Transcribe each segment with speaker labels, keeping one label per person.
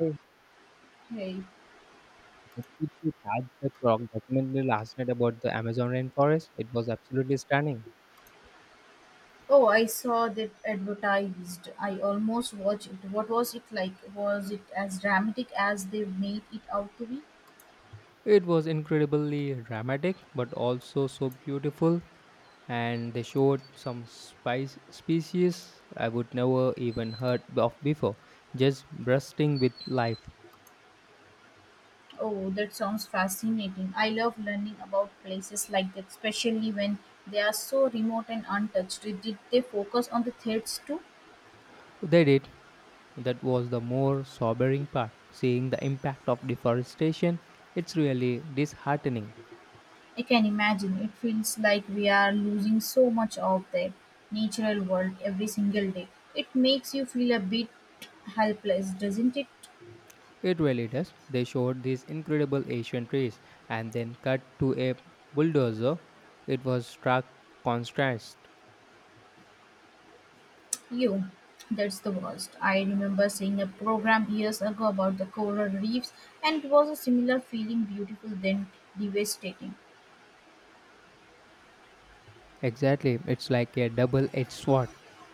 Speaker 1: I
Speaker 2: Hey.
Speaker 1: completely had the documentary last night about the Amazon rainforest. It was absolutely stunning.
Speaker 2: Oh, I saw that advertised. I almost watched it. What was it like? Was it as dramatic as they made it out to be?
Speaker 1: It was incredibly dramatic, but also so beautiful. And they showed some spice species I would never even heard of before, just bursting with life.
Speaker 2: Oh, that sounds fascinating. I love learning about places like that, especially when they are so remote and untouched. Did they focus on the threats too?
Speaker 1: They did. That was the more sobering part. Seeing the impact of deforestation, it's really disheartening.
Speaker 2: I can imagine. It feels like we are losing so much of their natural world every single day. It makes you feel a bit helpless, doesn't it?
Speaker 1: It really does. They showed these incredible ancient trees and then cut to a bulldozer. It was stark contrast.
Speaker 2: You, that's the worst. I remember seeing a program years ago about the coral reefs, and it was a similar feeling beautiful then devastating.
Speaker 1: Exactly, it's like a double edged sword.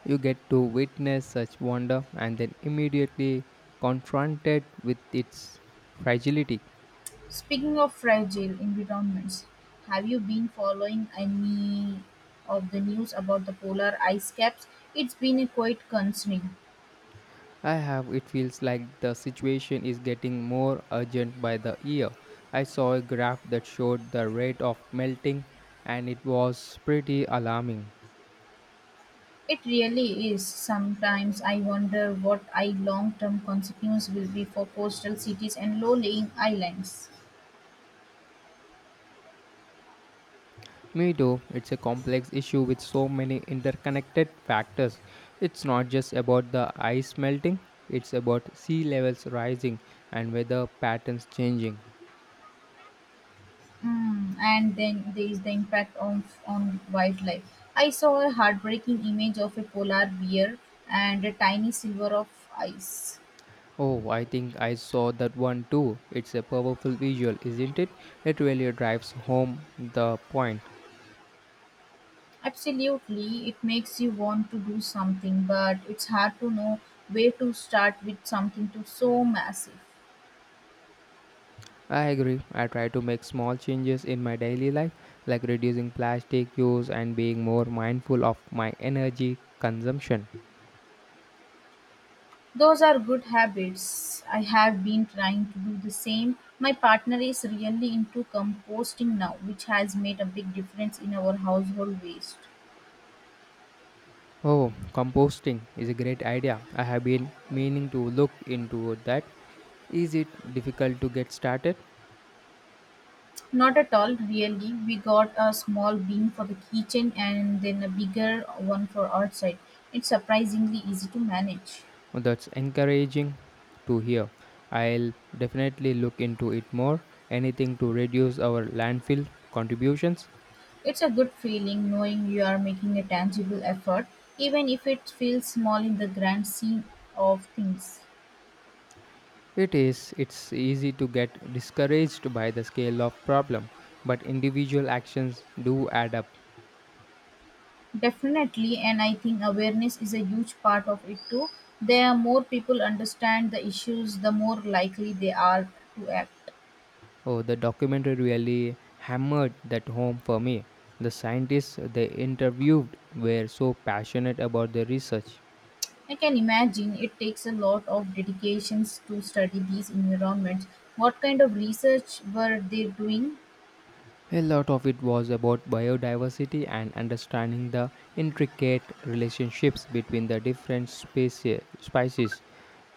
Speaker 1: You get to witness such wonder and then immediately confronted with its fragility.
Speaker 2: Speaking of fragile environments, have you been following any of the news about the polar ice caps? It's been a quite concerning.
Speaker 1: I have it feels like the situation is getting more urgent by the year. I saw a graph that showed the rate of melting and it was pretty alarming.
Speaker 2: It really is. Sometimes I wonder what I long term consequence will be for coastal cities and low lying islands.
Speaker 1: Me too. It's a complex issue with so many interconnected factors. It's not just about the ice melting, it's about sea levels rising and weather patterns changing.
Speaker 2: And then there is the impact on on wildlife. I saw a heartbreaking image of a polar bear and a tiny silver of ice.
Speaker 1: Oh, I think I saw that one too. It's a powerful visual, isn't it? It really drives home the point.
Speaker 2: Absolutely, it makes you want to do something, but it's hard to know where to start with something too so massive.
Speaker 1: I agree. I try to make small changes in my daily life, like reducing plastic use and being more mindful of my energy consumption.
Speaker 2: Those are good habits. I have been trying to do the same. My partner is really into composting now, which has made a big difference in our household waste.
Speaker 1: Oh, composting is a great idea. I have been meaning to look into that. Is it difficult to get started?
Speaker 2: Not at all, really. We got a small beam for the kitchen and then a bigger one for outside. It's surprisingly easy to manage.
Speaker 1: Oh, that's encouraging to hear. I'll definitely look into it more. Anything to reduce our landfill contributions?
Speaker 2: It's a good feeling knowing you are making a tangible effort, even if it feels small in the grand scheme of things.
Speaker 1: It is, it's easy to get discouraged by the scale of problem, but individual actions do add up.
Speaker 2: Definitely, and I think awareness is a huge part of it too. The more people understand the issues, the more likely they are to act.
Speaker 1: Oh, the documentary really hammered that home for me. The scientists they interviewed were so passionate about their research.
Speaker 2: I can imagine it takes a lot of dedications to study these environments. What kind of research were they doing?
Speaker 1: A lot of it was about biodiversity and understanding the intricate relationships between the different species.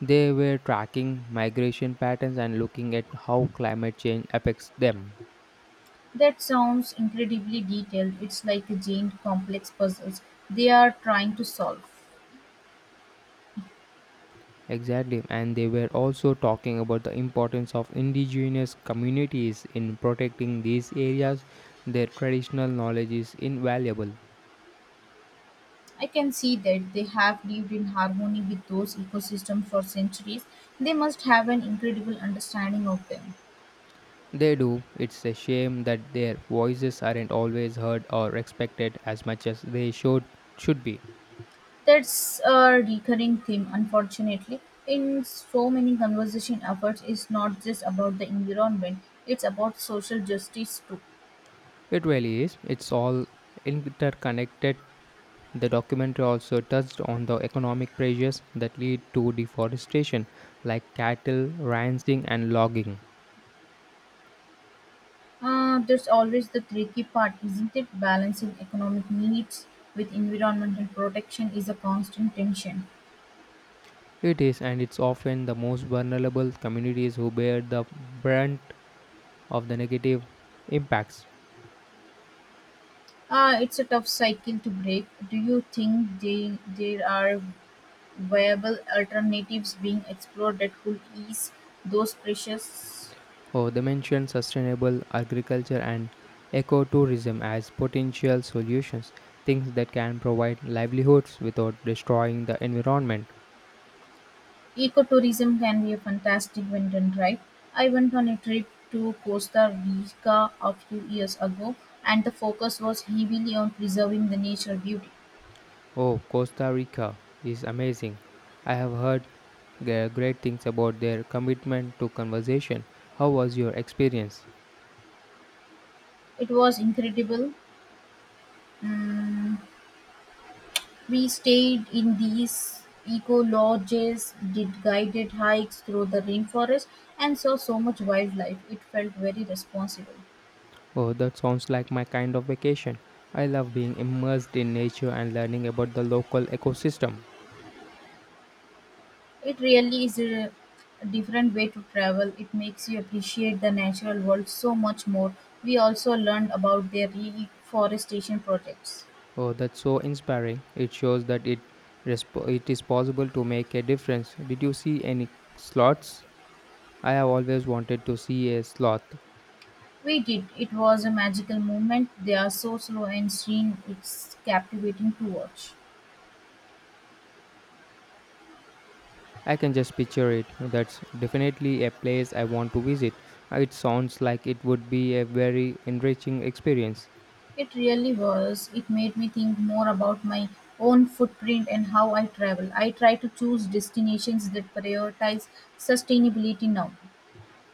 Speaker 1: They were tracking migration patterns and looking at how climate change affects them.
Speaker 2: That sounds incredibly detailed. It's like a giant complex puzzles they are trying to solve.
Speaker 1: Exactly, and they were also talking about the importance of indigenous communities in protecting these areas. Their traditional knowledge is invaluable.
Speaker 2: I can see that they have lived in harmony with those ecosystems for centuries. They must have an incredible understanding of them.
Speaker 1: They do. It's a shame that their voices aren't always heard or respected as much as they should be.
Speaker 2: That's a recurring theme, unfortunately, in so many conversation efforts. It's not just about the environment; it's about social justice too.
Speaker 1: It really is. It's all interconnected. The documentary also touched on the economic pressures that lead to deforestation, like cattle ranching and logging.
Speaker 2: There's always the tricky part, isn't it? Balancing economic needs with environmental protection is a constant tension.
Speaker 1: It is, and it's often the most vulnerable communities who bear the brunt of the negative impacts.
Speaker 2: It's a tough cycle to break. Do you think there are viable alternatives being explored that could ease those pressures?
Speaker 1: Oh, they mention sustainable agriculture and ecotourism as potential solutions, things that can provide livelihoods without destroying the environment.
Speaker 2: Ecotourism can be a fantastic when done right. I went on a trip to Costa Rica a few years ago, and the focus was heavily on preserving the nature beauty.
Speaker 1: Oh, Costa Rica is amazing. I have heard great things about their commitment to conservation. How was your experience?
Speaker 2: It was incredible. Mm, we stayed in these eco lodges, did guided hikes through the rainforest, and saw so much wildlife. It felt very responsible.
Speaker 1: Oh, that sounds like my kind of vacation. I love being immersed in nature and learning about the local ecosystem.
Speaker 2: It really is a different way to travel. It makes you appreciate the natural world so much more. We also learned about their reforestation projects.
Speaker 1: Oh, that's so inspiring. It shows that it is possible to make a difference. Did you see any sloths? I have always wanted to see a sloth.
Speaker 2: We did. It was a magical moment. They are so slow and serene. It's captivating to watch.
Speaker 1: I can just picture it. That's definitely a place I want to visit. It sounds like it would be a very enriching experience.
Speaker 2: It really was. It made me think more about my own footprint and how I travel. I try to choose destinations that prioritize sustainability now.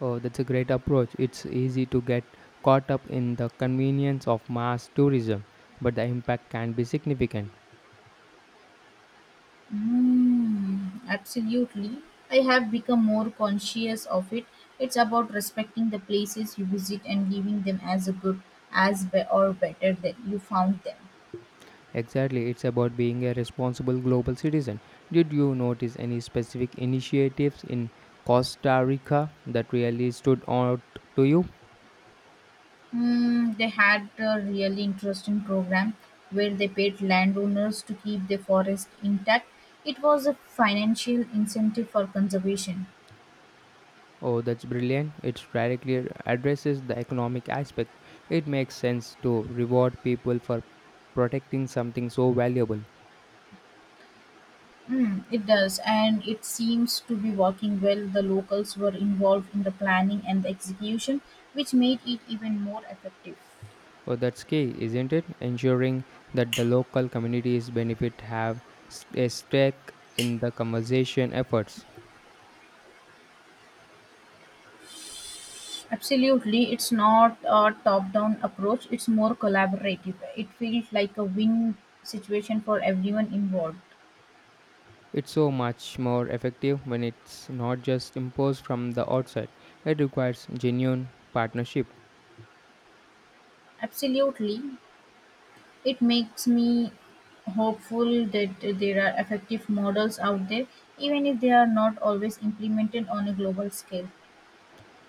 Speaker 1: Oh, that's a great approach. It's easy to get caught up in the convenience of mass tourism, but the impact can be significant.
Speaker 2: Absolutely. I have become more conscious of it. It's about respecting the places you visit and leaving them as a good, as be, or better than you found them.
Speaker 1: Exactly, it's about being a responsible global citizen. Did you notice any specific initiatives in Costa Rica that really stood out to you?
Speaker 2: They had a really interesting program where they paid landowners to keep the forest intact. It was a financial incentive for conservation.
Speaker 1: Oh, that's brilliant. It directly addresses the economic aspect. It makes sense to reward people for protecting something so valuable.
Speaker 2: It does, and it seems to be working well. The locals were involved in the planning and the execution, which made it even more effective.
Speaker 1: Well, that's key, isn't it? Ensuring that the local communities benefit have a stake in the conservation efforts.
Speaker 2: Absolutely, it's not a top down approach, it's more collaborative. It feels like a win situation for everyone involved.
Speaker 1: It's so much more effective when it's not just imposed from the outside. It requires genuine partnership.
Speaker 2: Absolutely, it makes me hopeful that there are effective models out there, even if they are not always implemented on a global scale.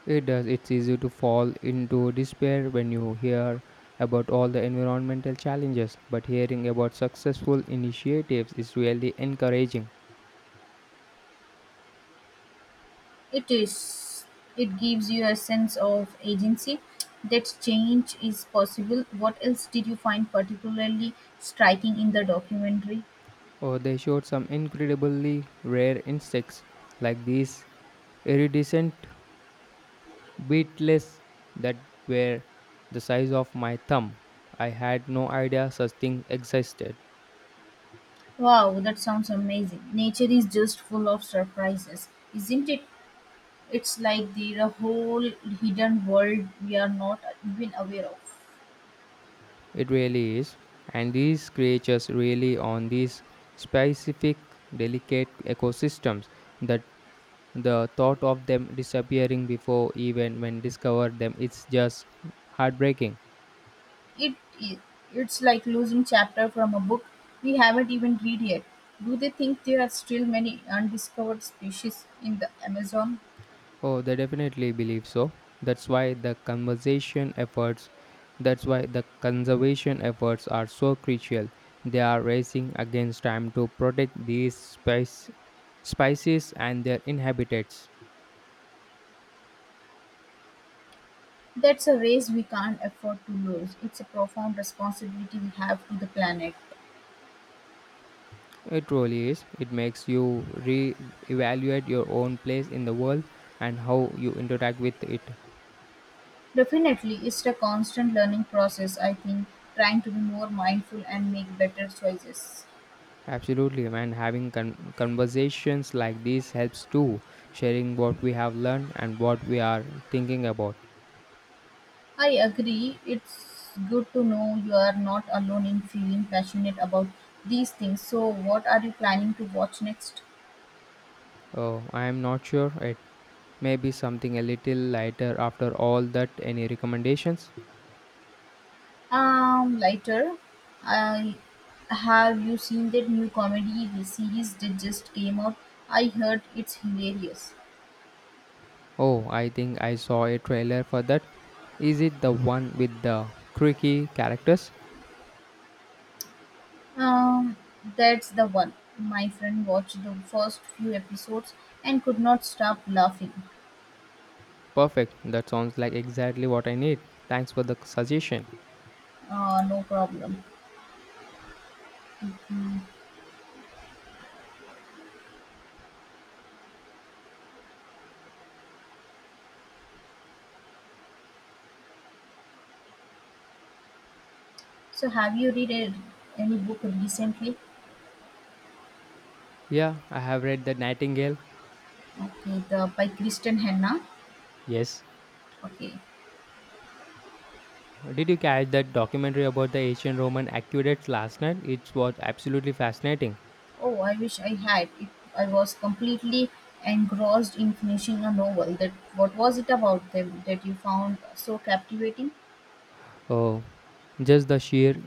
Speaker 1: It does. It's easy to fall into despair when you hear about all the environmental challenges, but hearing about successful initiatives is really encouraging.
Speaker 2: It is. It gives you a sense of agency, that change is possible. What else did you find particularly striking in the documentary?
Speaker 1: Oh, they showed some incredibly rare insects like these iridescent beetles that were the size of my thumb. I had no idea such things existed.
Speaker 2: Wow, that sounds amazing. Nature is just full of surprises, isn't it? It's like there a whole hidden world we are not even aware of.
Speaker 1: It really is. And these creatures really on these specific delicate ecosystems that the thought of them disappearing before even when discovered them it's just heartbreaking.
Speaker 2: It, it it's like losing chapter from a book we haven't even read yet. Do they think there are still many undiscovered species in the Amazon?
Speaker 1: Oh, they definitely believe so. That's why the conservation efforts that's why the conservation efforts are so crucial. They are racing against time to protect these species and their inhabitants.
Speaker 2: That's a race we can't afford to lose. It's a profound responsibility we have to the planet.
Speaker 1: It really is. It makes you re-evaluate your own place in the world and how you interact with it.
Speaker 2: Definitely, it's a constant learning process, I think, trying to be more mindful and make better choices.
Speaker 1: Absolutely, man. Having conversations like these helps too, sharing what we have learned and what we are thinking about.
Speaker 2: I agree, it's good to know you are not alone in feeling passionate about these things. So, what are you planning to watch next?
Speaker 1: Oh, I am not sure. It may be something a little lighter after all that. Any recommendations?
Speaker 2: Later, I Have you seen that new comedy series that just came out? I heard it's hilarious.
Speaker 1: Oh, I think I saw a trailer for that. Is it the one with the creaky characters?
Speaker 2: Um, that's the one. My friend watched the first few episodes and could not stop laughing.
Speaker 1: Perfect. That sounds like exactly what I need. Thanks for the suggestion.
Speaker 2: No problem. Hmm. So, have you read any book recently?
Speaker 1: Yeah, I have read The Nightingale.
Speaker 2: Okay, the by Kristen Hanna.
Speaker 1: Yes.
Speaker 2: Okay.
Speaker 1: Did you catch that documentary about the ancient Roman aqueducts last night? It was absolutely fascinating.
Speaker 2: Oh, I wish I had. I was completely engrossed in finishing a novel. That what was it about them that you found so captivating?
Speaker 1: Oh, just the sheer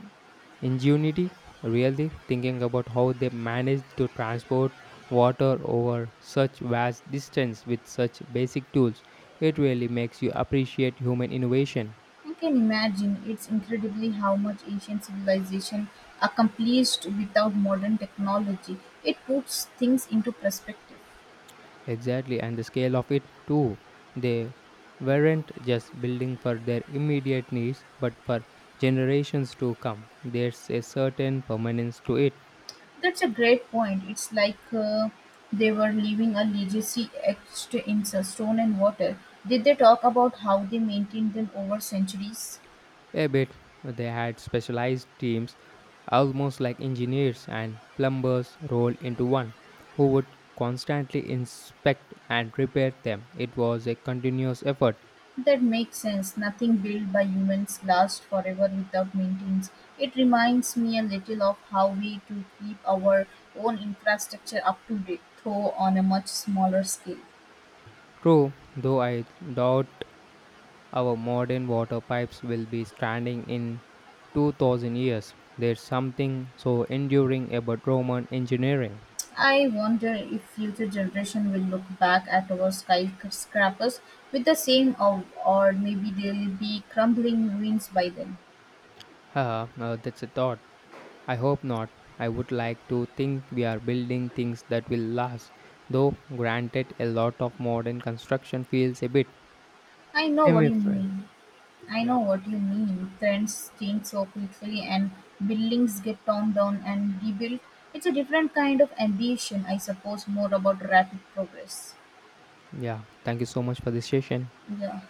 Speaker 1: ingenuity, really, thinking about how they managed to transport water over such vast distance with such basic tools. It really makes you appreciate human innovation.
Speaker 2: You can imagine, it's incredibly how much ancient civilization accomplished without modern technology. It puts things into perspective.
Speaker 1: Exactly, and the scale of it too. They weren't just building for their immediate needs, but for generations to come. There's a certain permanence to it.
Speaker 2: That's a great point. It's like they were leaving a legacy etched in stone and water. Did they talk about how they maintained them over centuries?
Speaker 1: A bit. They had specialized teams, almost like engineers and plumbers rolled into one, who would constantly inspect and repair them. It was a continuous effort.
Speaker 2: That makes sense. Nothing built by humans lasts forever without maintenance. It reminds me a little of how we to keep our own infrastructure up to date, though on a much smaller scale.
Speaker 1: True, though I doubt our modern water pipes will be standing in 2000 years. There's something so enduring about Roman engineering.
Speaker 2: I wonder if future generation will look back at our skyscrapers with the same awe, or maybe they'll be crumbling ruins by then.
Speaker 1: Haha, that's a thought. I hope not. I would like to think we are building things that will last, though, granted, a lot of modern construction feels a bit.
Speaker 2: I know
Speaker 1: Same,
Speaker 2: what
Speaker 1: my
Speaker 2: you
Speaker 1: friend.
Speaker 2: mean. I
Speaker 1: Yeah,
Speaker 2: know what you mean. Trends change so quickly, and buildings get torn down and rebuilt. It's a different kind of ambition, I suppose, more about rapid progress.
Speaker 1: yeah. Thank you so much for this session.
Speaker 2: Yeah.